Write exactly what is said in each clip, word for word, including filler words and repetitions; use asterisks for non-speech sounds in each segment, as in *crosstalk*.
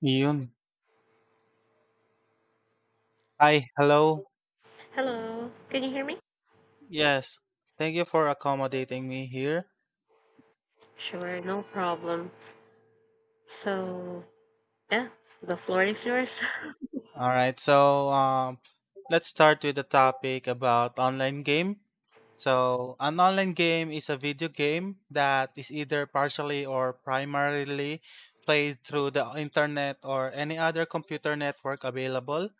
Yun. Hi, hello. Hello, can you hear me? Yes, thank you for accommodating me here. Sure, no problem. So, yeah, the floor is yours. *laughs* All right, so um, let's start with the topic about online game. So, an online game is a video game that is either partially or primarily played through the internet or any other computer network available.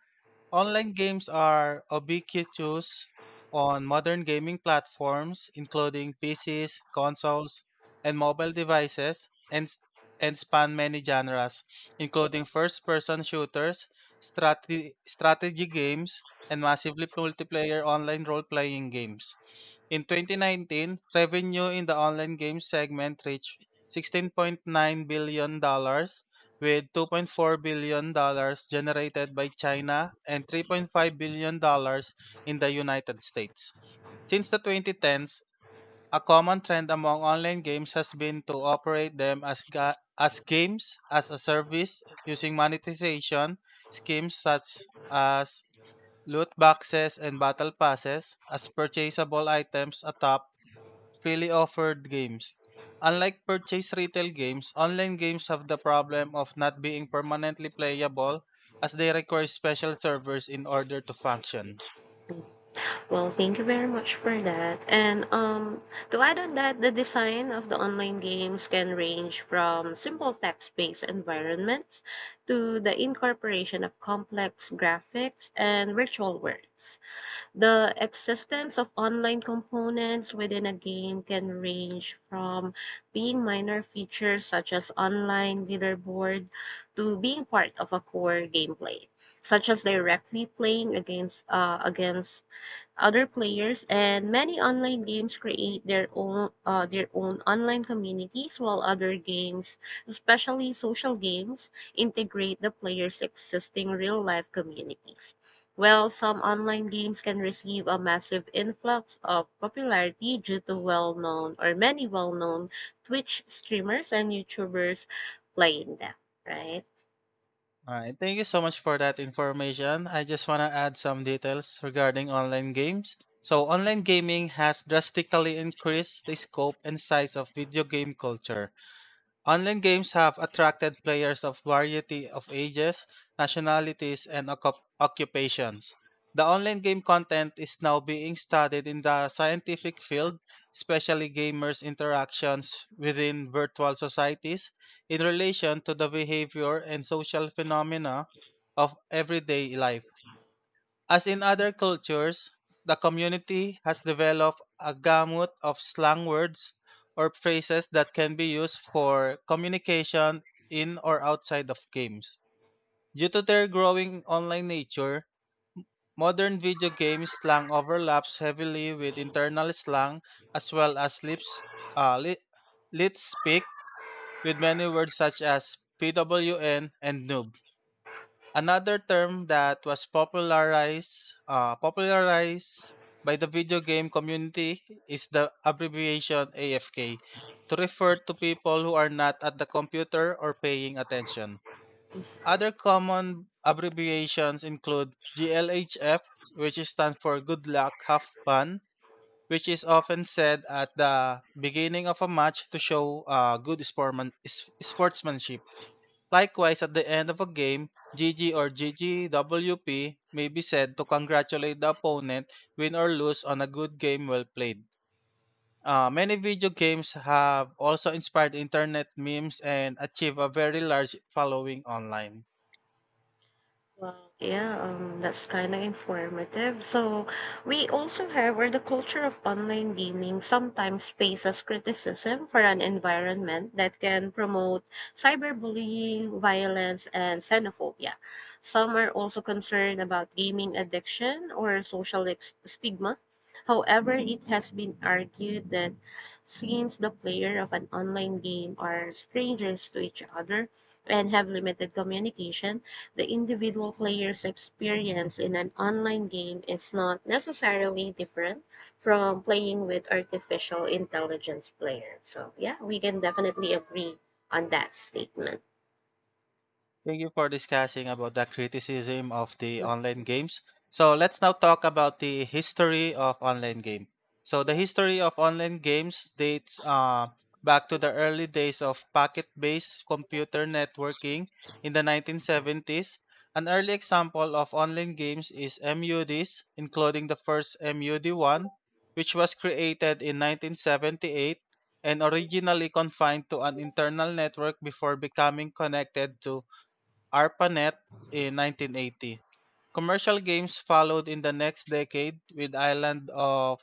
Online games are ubiquitous on modern gaming platforms, including P Cs, consoles, and mobile devices, and, s- and span many genres, including first person shooters, strate- strategy games, and massively multiplayer online role playing games. In twenty nineteen, revenue in the online games segment reached $16.9 billion, dollars, with $2.4 billion dollars generated by China and $3.5 billion dollars in the United States. Since the twenty tens, a common trend among online games has been to operate them as, ga- as games as a service using monetization schemes such as loot boxes and battle passes as purchasable items atop freely offered games. Unlike purchased retail games, online games have the problem of not being permanently playable as they require special servers in order to function. Well, thank you very much for that. And um, to add on that, the design of the online games can range from simple text-based environments to the incorporation of complex graphics and virtual worlds. The existence of online components within a game can range from being minor features such as online leaderboard to being part of a core gameplay, such as directly playing against uh, against other players, and many online games create their own uh, their own online communities, while other games, especially social games, integrate the players' existing real-life communities. While some online games can receive a massive influx of popularity due to well-known or many well-known Twitch streamers and YouTubers playing them, right? Alright, thank you so much for that information. I just want to add some details regarding online games. So, online gaming has drastically increased the scope and size of video game culture. Online games have attracted players of variety of ages, nationalities, and occup- occupations. The online game content is now being studied in the scientific field, especially gamers' interactions within virtual societies in relation to the behavior and social phenomena of everyday life. As in other cultures, the community has developed a gamut of slang words or phrases that can be used for communication in or outside of games. Due to their growing online nature, modern video game slang overlaps heavily with internal slang as well as lips, uh, li- lit speak with many words such as PWN and noob. Another term that was popularized uh, popularized by the video game community is the abbreviation A F K to refer to people who are not at the computer or paying attention. Other common abbreviations include G L H F, which stands for good luck, have fun, which is often said at the beginning of a match to show uh, good sportman- s- sportsmanship. Likewise, at the end of a game, G G or G G W P may be said to congratulate the opponent, win or lose, on a good game well played. Uh, many video games have also inspired internet memes and achieve a very large following online. Wow, yeah, um, that's kind of informative. So, we also have, where the culture of online gaming sometimes faces criticism for an environment that can promote cyberbullying, violence, and xenophobia. Some are also concerned about gaming addiction or social ex- stigma. However, it has been argued that since the player of an online game are strangers to each other and have limited communication, the individual player's experience in an online game is not necessarily different from playing with artificial intelligence player. So yeah, we can definitely agree on that statement. Thank you for discussing about the criticism of the online games. So let's now talk about the history of online game. So the history of online games dates uh, back to the early days of packet-based computer networking in the nineteen seventies. An early example of online games is MUDs, including the first mud one, which was created in nineteen seventy-eight and originally confined to an internal network before becoming connected to ARPANET in nineteen eighty. Commercial games followed in the next decade with Island of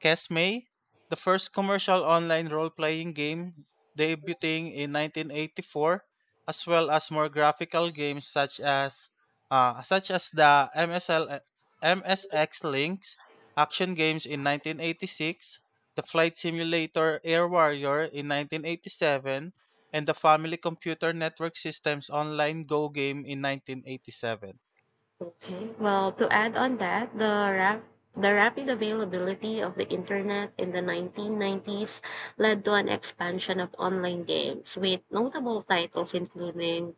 Kesme, the first commercial online role-playing game debuting in nineteen eighty-four, as well as more graphical games such as uh, such as the M S L uh, M S X Links action games in nineteen eighty-six, the Flight Simulator Air Warrior in nineteen eighty-seven, and the Family Computer Network System's online Go game in nineteen eighty-seven. Okay. Well, to add on that, the rap the rapid availability of the internet in the nineteen nineties led to an expansion of online games with notable titles including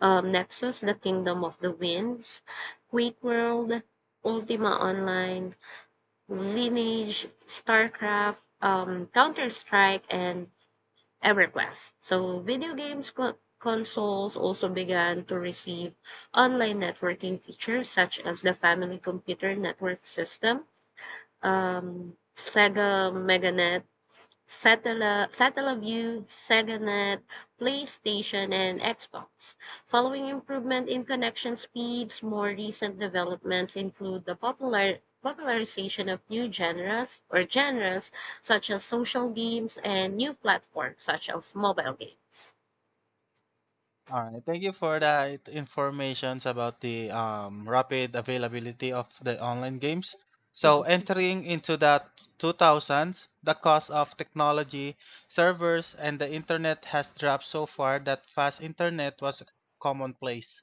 um, Nexus, The Kingdom of the Winds, Quake World, Ultima Online, Lineage, StarCraft, um, Counter Strike, and EverQuest. So, video games co- consoles also began to receive online networking features such as the Family Computer Network System, um, Sega MegaNet, Satella- Satellaview, SegaNet, PlayStation, and Xbox. Following improvement in connection speeds, more recent developments include the popular popularization of new genres or genres such as social games and new platforms such as mobile games. All right, thank you for that informations about the um, rapid availability of the online games. So entering into the two thousands, the cost of technology, servers, and the internet has dropped so far that fast internet was commonplace,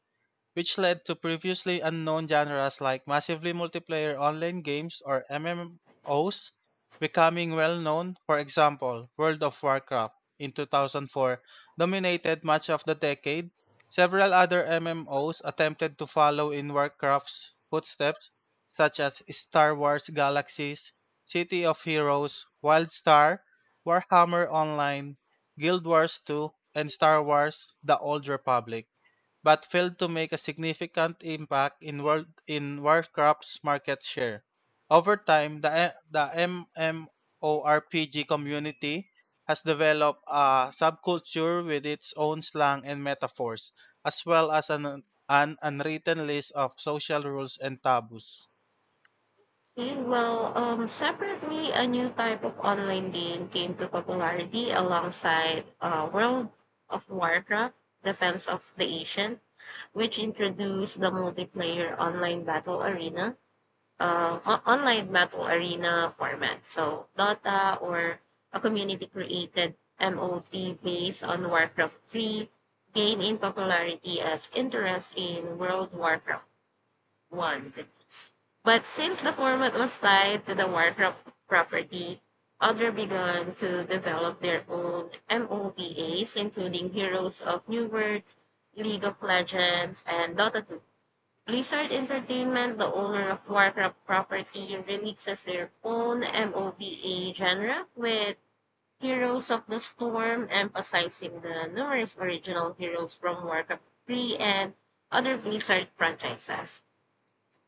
which led to previously unknown genres like massively multiplayer online games or M M Os becoming well known. For example, World of Warcraft in two thousand four dominated much of the decade. Several other M M Os attempted to follow in Warcraft's footsteps, such as Star Wars Galaxies, City of Heroes, WildStar, Warhammer Online, Guild Wars two, and Star Wars The Old Republic, but failed to make a significant impact in world in Warcraft's market share. Over time, the eh, the MMORPG community has developed a subculture with its own slang and metaphors, as well as an, an unwritten list of social rules and taboos. Okay, well, um, separately, a new type of online game came to popularity alongside uh, World of Warcraft, Defense of the Ancient, which introduced the multiplayer online battle arena, uh, o- online battle arena format. So Dota, or a community created M O T based on Warcraft three, gained in popularity as interest in World Warcraft one. But since the format was tied to the Warcraft property, others began to develop their own MOBAs, including Heroes of New World, League of Legends, and Dota two. Blizzard Entertainment, the owner of Warcraft property, releases their own MOBA genre with Heroes of the Storm, emphasizing the numerous original heroes from Warcraft three and other Blizzard franchises.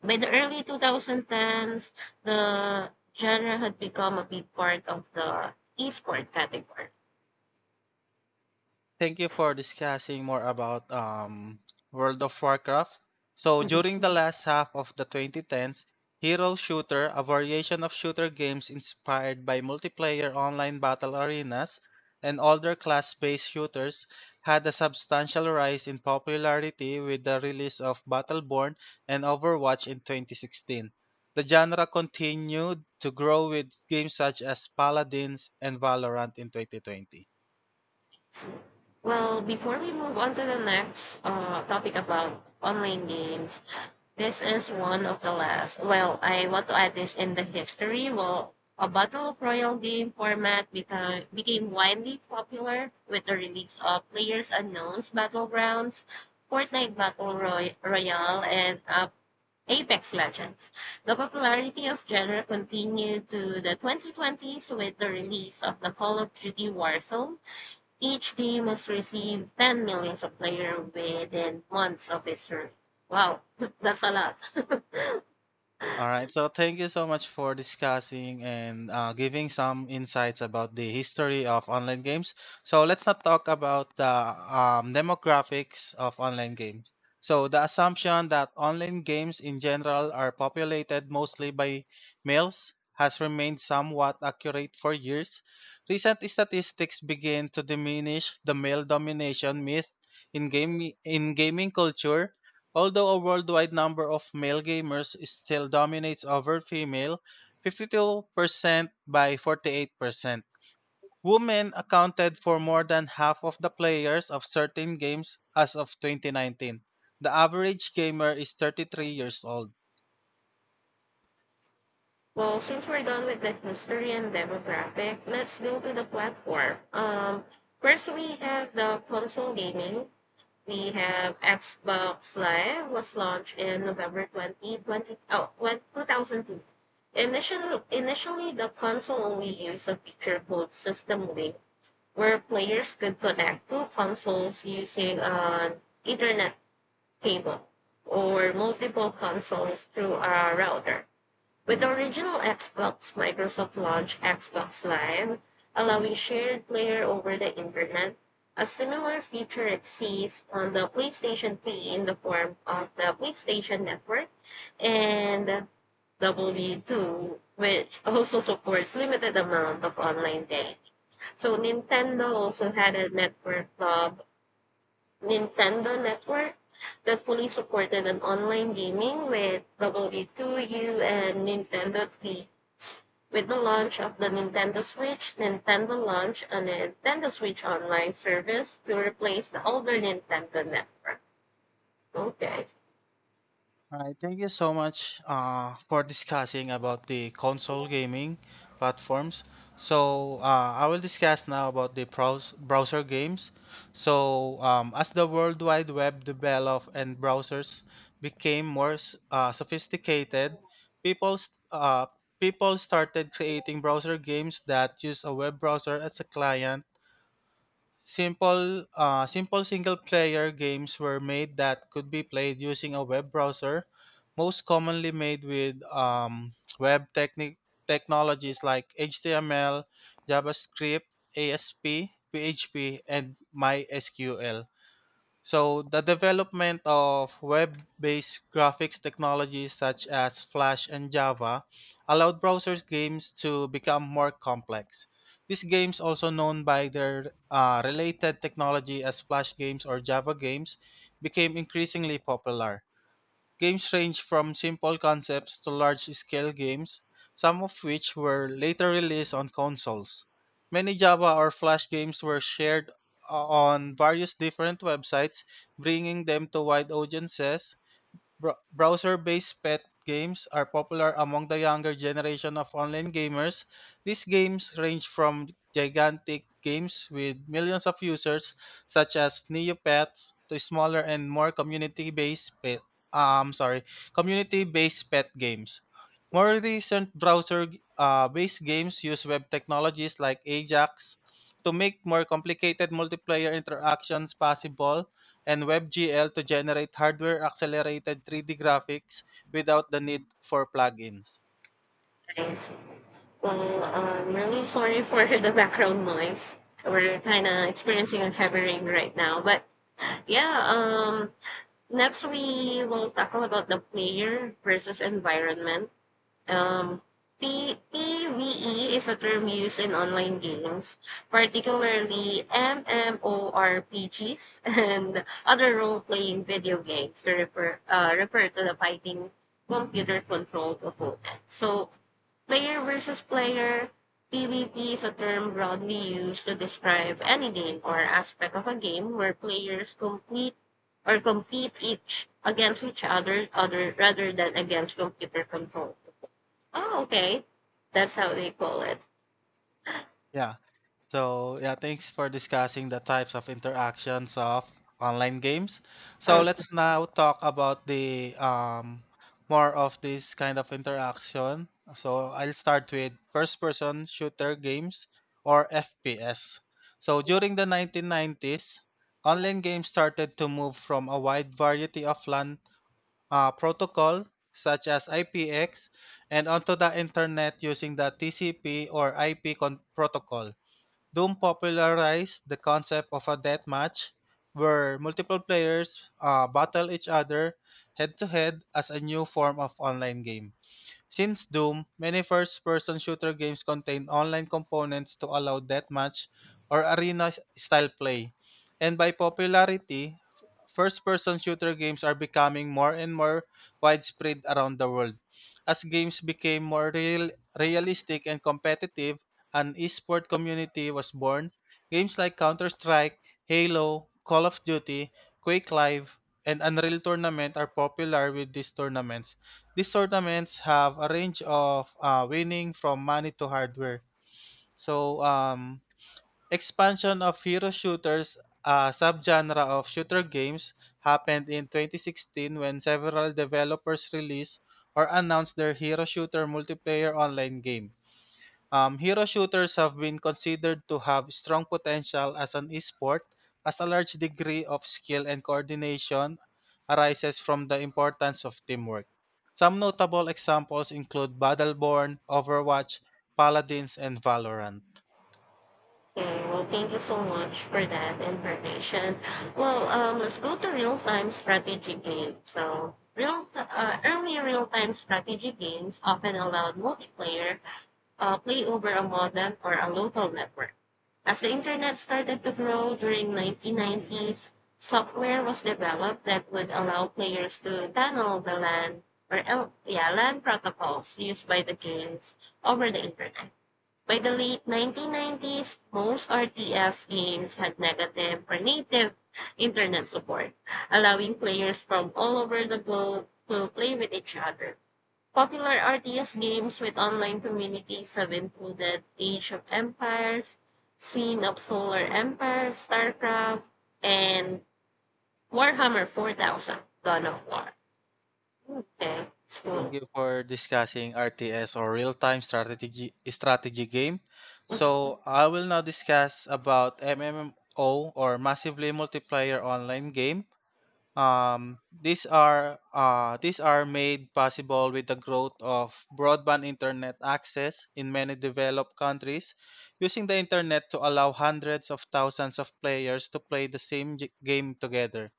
By the early two thousand tens, the genre had become a big part of the esport category. Thank you for discussing more about um, World of Warcraft. So Mhm. during the last half of the twenty tens, Hero Shooter, a variation of shooter games inspired by multiplayer online battle arenas and older class-based shooters, had a substantial rise in popularity with the release of Battleborn and Overwatch in twenty sixteen. The genre continued to grow with games such as Paladins and Valorant in twenty twenty. Well, before we move on to the next uh, topic about online games, this is one of the last. Well, I want to add this in the history. Well, a battle royale game format became became widely popular with the release of Players Unknown's Battlegrounds, Fortnite Battle Roy- Royale, and uh, Apex Legends. The popularity of genre continued to the twenty twenties with the release of the Call of Duty Warzone. Each game has received 10 million of players within months of its release. Wow, *laughs* that's a lot. *laughs* All right. So thank you so much for discussing and uh, giving some insights about the history of online games. So let's not talk about the um, demographics of online games. So the assumption that online games in general are populated mostly by males has remained somewhat accurate for years. Recent statistics begin to diminish the male domination myth in game in gaming culture. Although a worldwide number of male gamers still dominates over female, fifty-two percent by forty-eight percent. Women accounted for more than half of the players of certain games as of twenty nineteen. The average gamer is thirty-three years old. Well, since we're done with the history and demographic, let's go to the platform. Um, first, we have the console gaming. We have Xbox Live was launched in November twenty twenty oh when- two thousand two. Initially, initially, the console only used a feature called System Link, where players could connect two consoles using an Ethernet cable or multiple consoles through a router. With the original Xbox, Microsoft launched Xbox Live, allowing shared player over the internet. A similar feature exists on the PlayStation three in the form of the PlayStation Network and W two, which *laughs* also supports limited amount of online day. So Nintendo also had a network club, Nintendo Network, that fully supported an online gaming with W two U and Nintendo three. With the launch of the Nintendo Switch, Nintendo launched a Nintendo Switch Online service to replace the older Nintendo Network. Okay, All right, thank you so much uh, for discussing about the console gaming platforms. So uh, I will discuss now about the browse- browser games. So um, as the World Wide Web developed and browsers became more s- uh, sophisticated, people s- uh, people started creating browser games that use a web browser as a client. Simple, uh, simple single-player games were made that could be played using a web browser, most commonly made with um, web techni- technologies like H T M L, JavaScript, A S P, P H P, and MySQL. So, the development of web based graphics technologies such as Flash and Java allowed browsers games to become more complex. These games, also known by their uh, related technology as Flash games or Java games, became increasingly popular. Games range from simple concepts to large-scale games, some of which were later released on consoles. Many Java or Flash games were shared o- on various different websites, bringing them to wide audiences. Bro- browser-based pet games are popular among the younger generation of online gamers. These games range from gigantic games with millions of users, such as Neopets, to smaller and more community-based pet. Um, sorry, community-based pet games. More recent browser-based games use web technologies like Ajax to make more complicated multiplayer interactions possible and WebGL to generate hardware-accelerated three D graphics without the need for plugins. thanks. Well, I'm really sorry for *laughs* the background noise. We're kind of experiencing a heavy rain right now, but yeah. Um, next we will tackle about the player versus environment. Um, P- PvE is a term used in online games, particularly MMORPGs *laughs* and other role-playing video games to refer, uh, refer to the fighting computer-controlled opponent. So, player versus player, PvP is a term broadly used to describe any game or aspect of a game where players compete or compete each against each other, other rather than against computer control. Oh, okay. That's how they call it. Yeah. So, yeah, thanks for discussing the types of interactions of online games. So, let's now talk about the um, more of this kind of interaction. So, I'll start with first person shooter games or F P S. So, during the nineteen nineties, online games started to move from a wide variety of LAN uh, protocol such as I P X and onto the internet using the T C P or I P con- protocol. Doom popularized the concept of a deathmatch, where multiple players uh, battle each other head to head as a new form of online game. Since Doom, many first person shooter games contain online components to allow deathmatch or arena style play. And by popularity, first person shooter games are becoming more and more widespread around the world. As games became more real, realistic and competitive, an esport community was born. Games like Counter Strike, Halo, Call of Duty, Quake Live, and Unreal Tournament are popular with these tournaments. These tournaments have a range of uh, winning from money to hardware. So, um, expansion of hero shooters, a subgenre of shooter games, happened in twenty sixteen when several developers released or announced their hero shooter multiplayer online game. Um, hero shooters have been considered to have strong potential as an esport, as a large degree of skill and coordination arises from the importance of teamwork. Some notable examples include Battleborn, Overwatch, Paladins, and Valorant. Okay, well, thank you so much for that information. Well, um, let's go to real-time strategy games. So, real uh, early real-time strategy games often allowed multiplayer uh, play over a modem or a local network. As the internet started to grow during nineteen nineties, software was developed that would allow players to tunnel the LAN or L- yeah, LAN protocols used by the games over the internet. By the late nineteen nineties, most R T S games had negative or native internet support, allowing players from all over the globe to play with each other. Popular R T S games with online communities have included Age of Empires, Scene of Solar Empire, StarCraft, and Warhammer four thousand, Dawn of War. Okay, it's Thank cool. you for discussing R T S or real-time strategy strategy game. So I will now discuss about M M O or massively multiplayer online game. Um, these are uh, these are made possible with the growth of broadband internet access in many developed countries, using the internet to allow hundreds of thousands of players to play the same g- game together.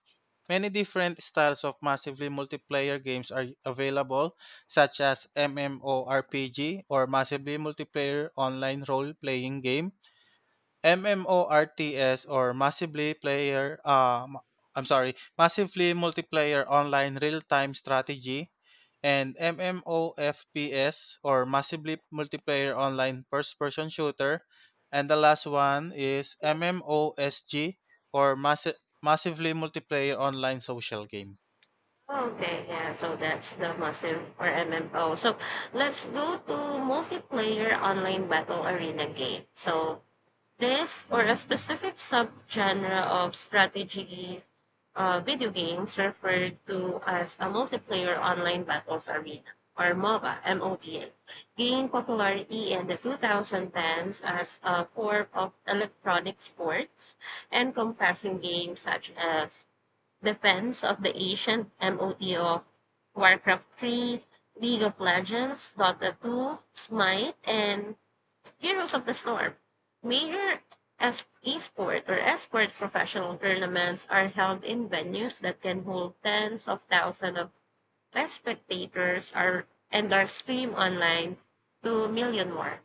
Many different styles of massively multiplayer games are available, such as MMORPG or massively multiplayer online role playing game. MMORTS or massively player uh, m- I'm sorry, massively multiplayer online real-time strategy, and MMOFPS or massively multiplayer online first-person shooter, and the last one is M M O S G or massi- massively multiplayer online social game. Okay, yeah, so that's the massive or M M O. So let's go to multiplayer online battle arena game. So this or a specific subgenre of strategy uh, video games referred to as a multiplayer online battles arena or MOBA, MOBA, gained popularity in the two thousand tens as a form of electronic sports and encompassing games such as Defense of the Ancient M O T of Warcraft three, League of Legends, Dota two, Smite, and Heroes of the Storm. Major es- esport or esports professional tournaments are held in venues that can hold tens of thousands of spectators are, and are streamed online to a million more.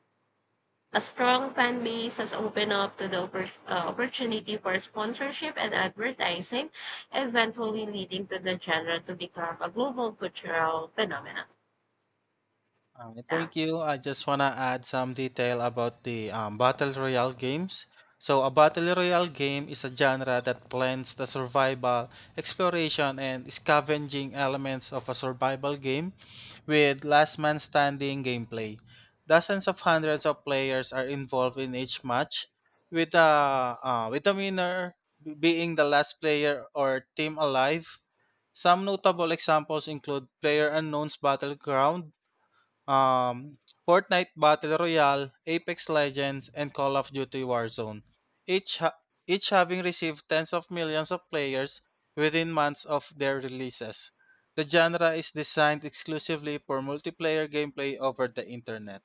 A strong fan base has opened up to the oppor- uh, opportunity for sponsorship and advertising, eventually leading to the genre to become a global cultural phenomenon. Um, Yeah. Thank you. I just want to add some detail about the um, Battle Royale games. So, a Battle Royale game is a genre that blends the survival, exploration, and scavenging elements of a survival game with last man standing gameplay. Dozens of hundreds of players are involved in each match, with, uh, uh, with the winner being the last player or team alive. Some notable examples include Player Unknown's Battleground um, Fortnite Battle Royale, Apex Legends, and Call of Duty Warzone, each, ha- each having received tens of millions of players within months of their releases. The genre is designed exclusively for multiplayer gameplay over the internet.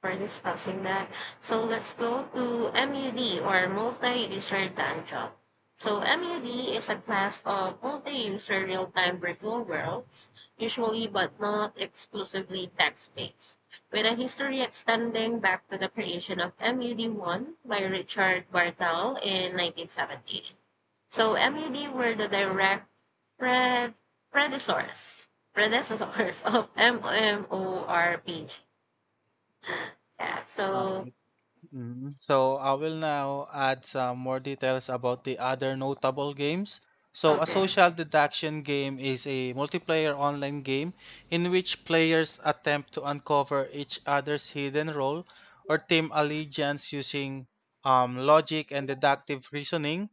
For discussing that. So let's go to MUD or multi-user time job. So MUD is a class of multi-user real-time virtual worlds, usually but not exclusively text-based, with a history extending back to the creation of mud one by Richard Barthel in nineteen seventy. So MUD were the direct pred- predecessors, predecessors *laughs* of MMORPG. Yeah, Uh, so. Mm, so I will now add some more details about the other notable games. So a Okay. social deduction game is a multiplayer online game in which players attempt to uncover each other's hidden role or team allegiance using um, logic and deductive reasoning,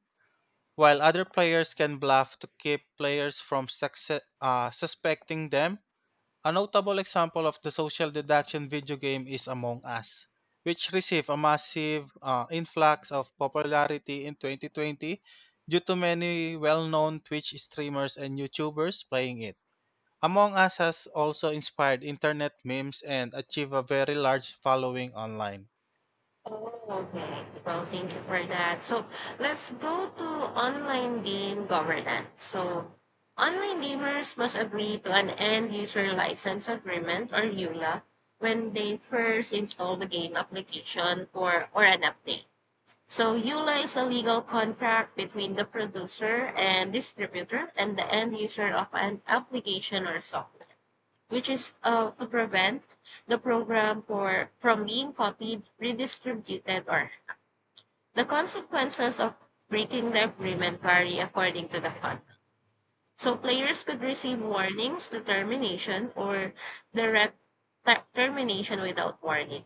while other players can bluff to keep players from succe- uh, suspecting them. A notable example of the social deduction video game is Among Us, which received a massive uh, influx of popularity in twenty twenty due to many well known Twitch streamers and YouTubers playing it. Among Us has also inspired internet memes and achieved a very large following online. Oh, okay. Well, thank you for that. So let's go to online game governance. So online gamers must agree to an end user license agreement or EULA when they first install the game application or, or an update. So EULA is a legal contract between the producer and distributor and the end user of an application or software, which is uh, to prevent the program for, from being copied, redistributed, or the consequences of breaking the agreement vary according to the fund. So players could receive warnings, to termination, or direct ter- termination without warning.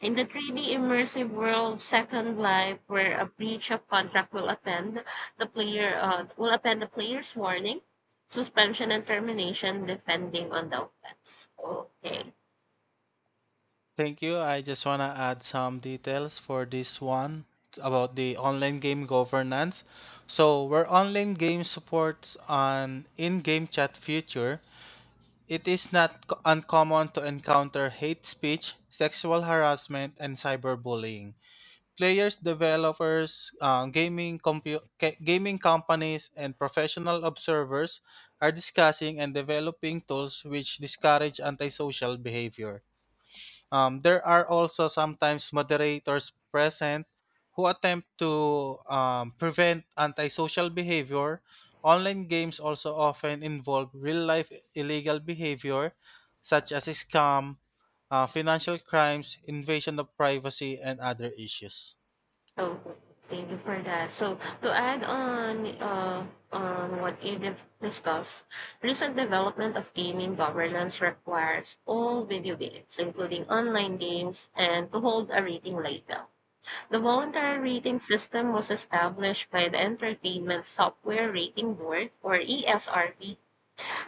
In the three D immersive world, Second Life, where a breach of contract will append the player uh, will append the player's warning, suspension, and termination, depending on the offense. Okay. Thank you. I just want to add some details for this one about the online game governance. So, where online game supports an in game chat feature, it is not co- uncommon to encounter hate speech, sexual harassment, and cyberbullying. Players, developers, uh, gaming, compu- ca- gaming companies, and professional observers are discussing and developing tools which discourage antisocial behavior. Um, there are also sometimes moderators present who attempt to um, prevent antisocial behavior. Online games also often involve real life illegal behavior, such as scam, uh, financial crimes, invasion of privacy, and other issues. Oh, thank you for that. So to add on uh, on what you di- discussed, recent development of gaming governance requires all video games, including online games, and to hold a rating label. The voluntary rating system was established by the Entertainment Software Rating Board, or E S R B,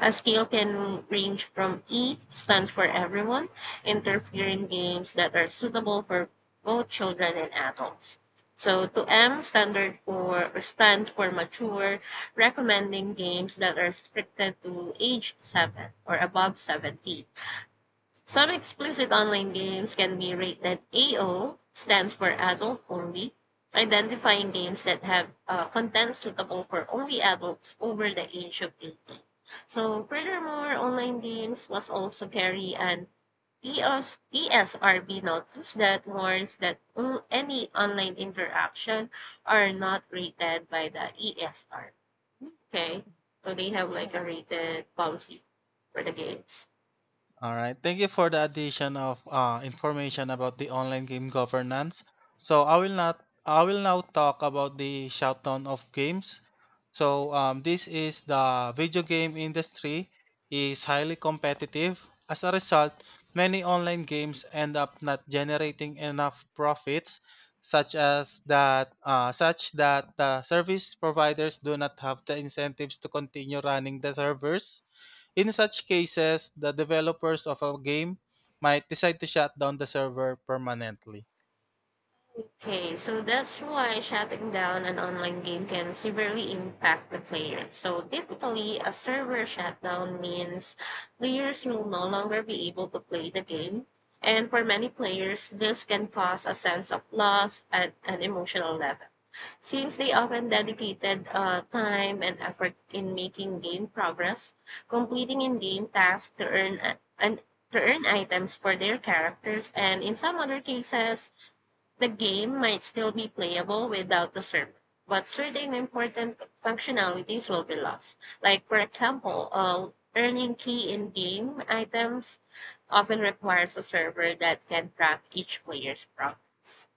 a scale can range from E stands for everyone, interfering games that are suitable for both children and adults. So to M standard for or stands for mature, recommending games that are restricted to age seven or above seventeen. Some explicit online games can be rated A O, stands for adult only, identifying games that have uh, content suitable for only adults over the age of eighteen. So, furthermore, online games must also carry an E S E S R B notice that warns that on- any online interaction are not rated by the E S R. Okay? So, they have like a rated policy for the games. All right. Thank you for the addition of uh, information about the online game governance. So I will not I will now talk about the shutdown of games. So um, this is the video game industry is highly competitive. As a result, many online games end up not generating enough profits, such as that uh, such that the service providers do not have the incentives to continue running the servers. In such cases, the developers of a game might decide to shut down the server permanently. Okay, so that's why shutting down an online game can severely impact the player. So typically, a server shutdown means players will no longer be able to play the game. And for many players, this can cause a sense of loss at an emotional level. Since they often dedicated uh, time and effort in making game progress, completing in-game tasks to earn, and to earn items for their characters, and in some other cases, the game might still be playable without the server, but certain important functionalities will be lost. Like, for example, uh, earning key in game items often requires a server that can track each player's progress.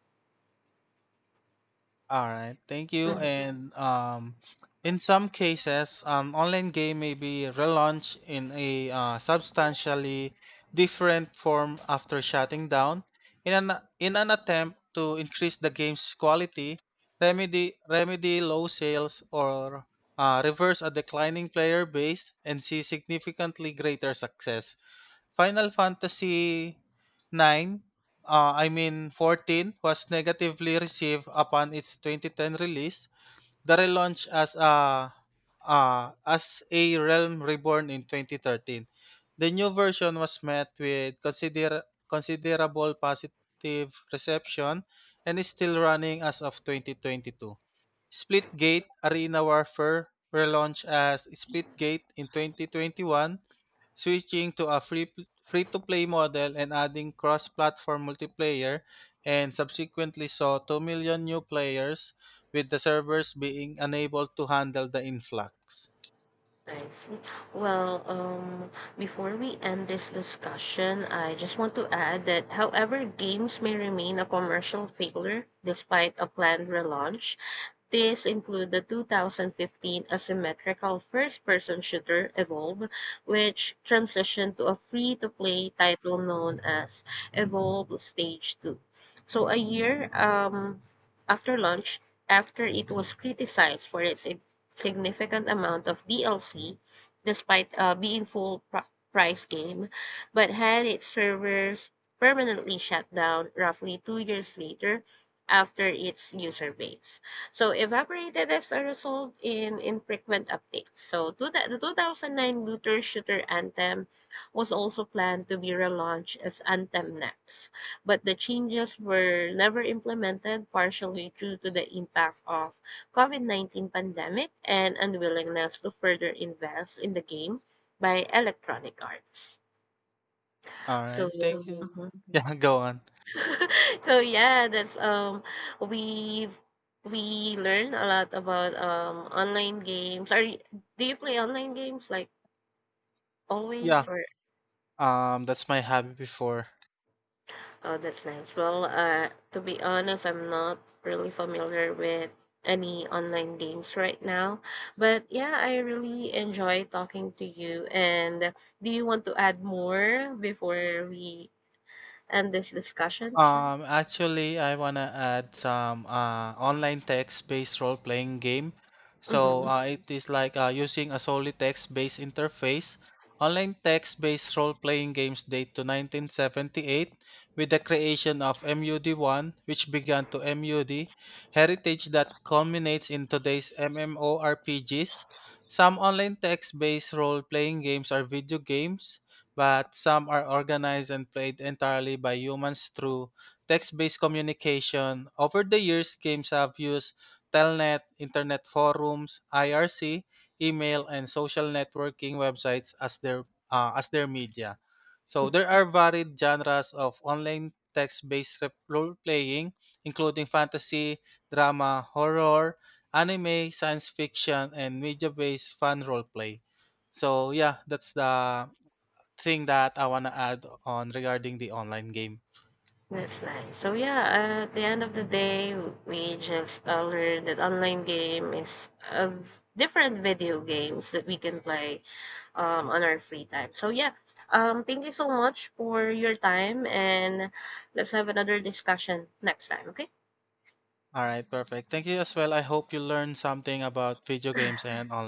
All right, thank you. Mm, And um, in some cases, an online game may be relaunched in a uh, substantially different form after shutting down. In an in an attempt to increase the game's quality, remedy remedy low sales or uh, reverse a declining player base and see significantly greater success. Final Fantasy nine, uh, I mean fourteen was negatively received upon its twenty ten release. The relaunch as a uh, as a Realm Reborn in twenty thirteen. The new version was met with consider- considerable positive reception and is still running as of twenty twenty-two. Splitgate Arena Warfare relaunched as Splitgate in twenty twenty-one, switching to a free to play model and adding cross-platform multiplayer, and subsequently saw two million new players with the servers being unable to handle the influx. I see. Well, um, before we end this discussion, I just want to add that however games may remain a commercial failure despite a planned relaunch. These include the two thousand fifteen asymmetrical first-person shooter "Evolve", which transitioned to a free-to-play title known as "Evolve Stage Two." So a year um, after launch, after it was criticized for its sig- significant amount of D L C, despite uh, being full pr- price game, but had its servers permanently shut down roughly two years later after its user base. So evaporated as a result in infrequent updates. So two, thou- the two thousand nine looter shooter Anthem was also planned to be relaunched as Anthem Next, but the changes were never implemented partially due to the impact of COVID nineteen pandemic and unwillingness to further invest in the game by Electronic Arts. All So, right, thank you. So, mhm. mhm. *laughs* Yeah, go on. *laughs* So yeah, that's um we've we learn a lot about um online games. Are you, do you play online games like Yeah, always or. um that's my hobby before. Oh, that's nice. Well, uh to be honest, I'm not really familiar with any online games right now. But yeah, I really enjoy talking to you, and do you want to add more before we end this discussion? Um, actually, I wanna add some uh, online text-based role-playing game. So Mhm. uh, it is like uh, using a solely text-based interface. Online text-based role-playing games date to nineteen seventy-eight with the creation of M U D one, which began to M U D heritage that culminates in today's MMORPGs. Some online text-based role-playing games are video games but some are organized and played entirely by humans through text based communication. Over the years, games have used Telnet, internet forums, I R C, email, and social networking websites as their, uh, as their media. So there are varied genres of online text-based rep- role-playing, including fantasy, drama, horror, anime, science fiction, and media-based fan role play. So yeah, that's the thing that I want to add on regarding the online game. That's nice. So yeah, at the end of the day, we just uh, learned that online game is of different video games that we can play um, on our free time. So yeah, um, thank you so much for your time, and let's have another discussion next time. Okay. All right, perfect. Thank you as well. I hope you learned something about video games and online.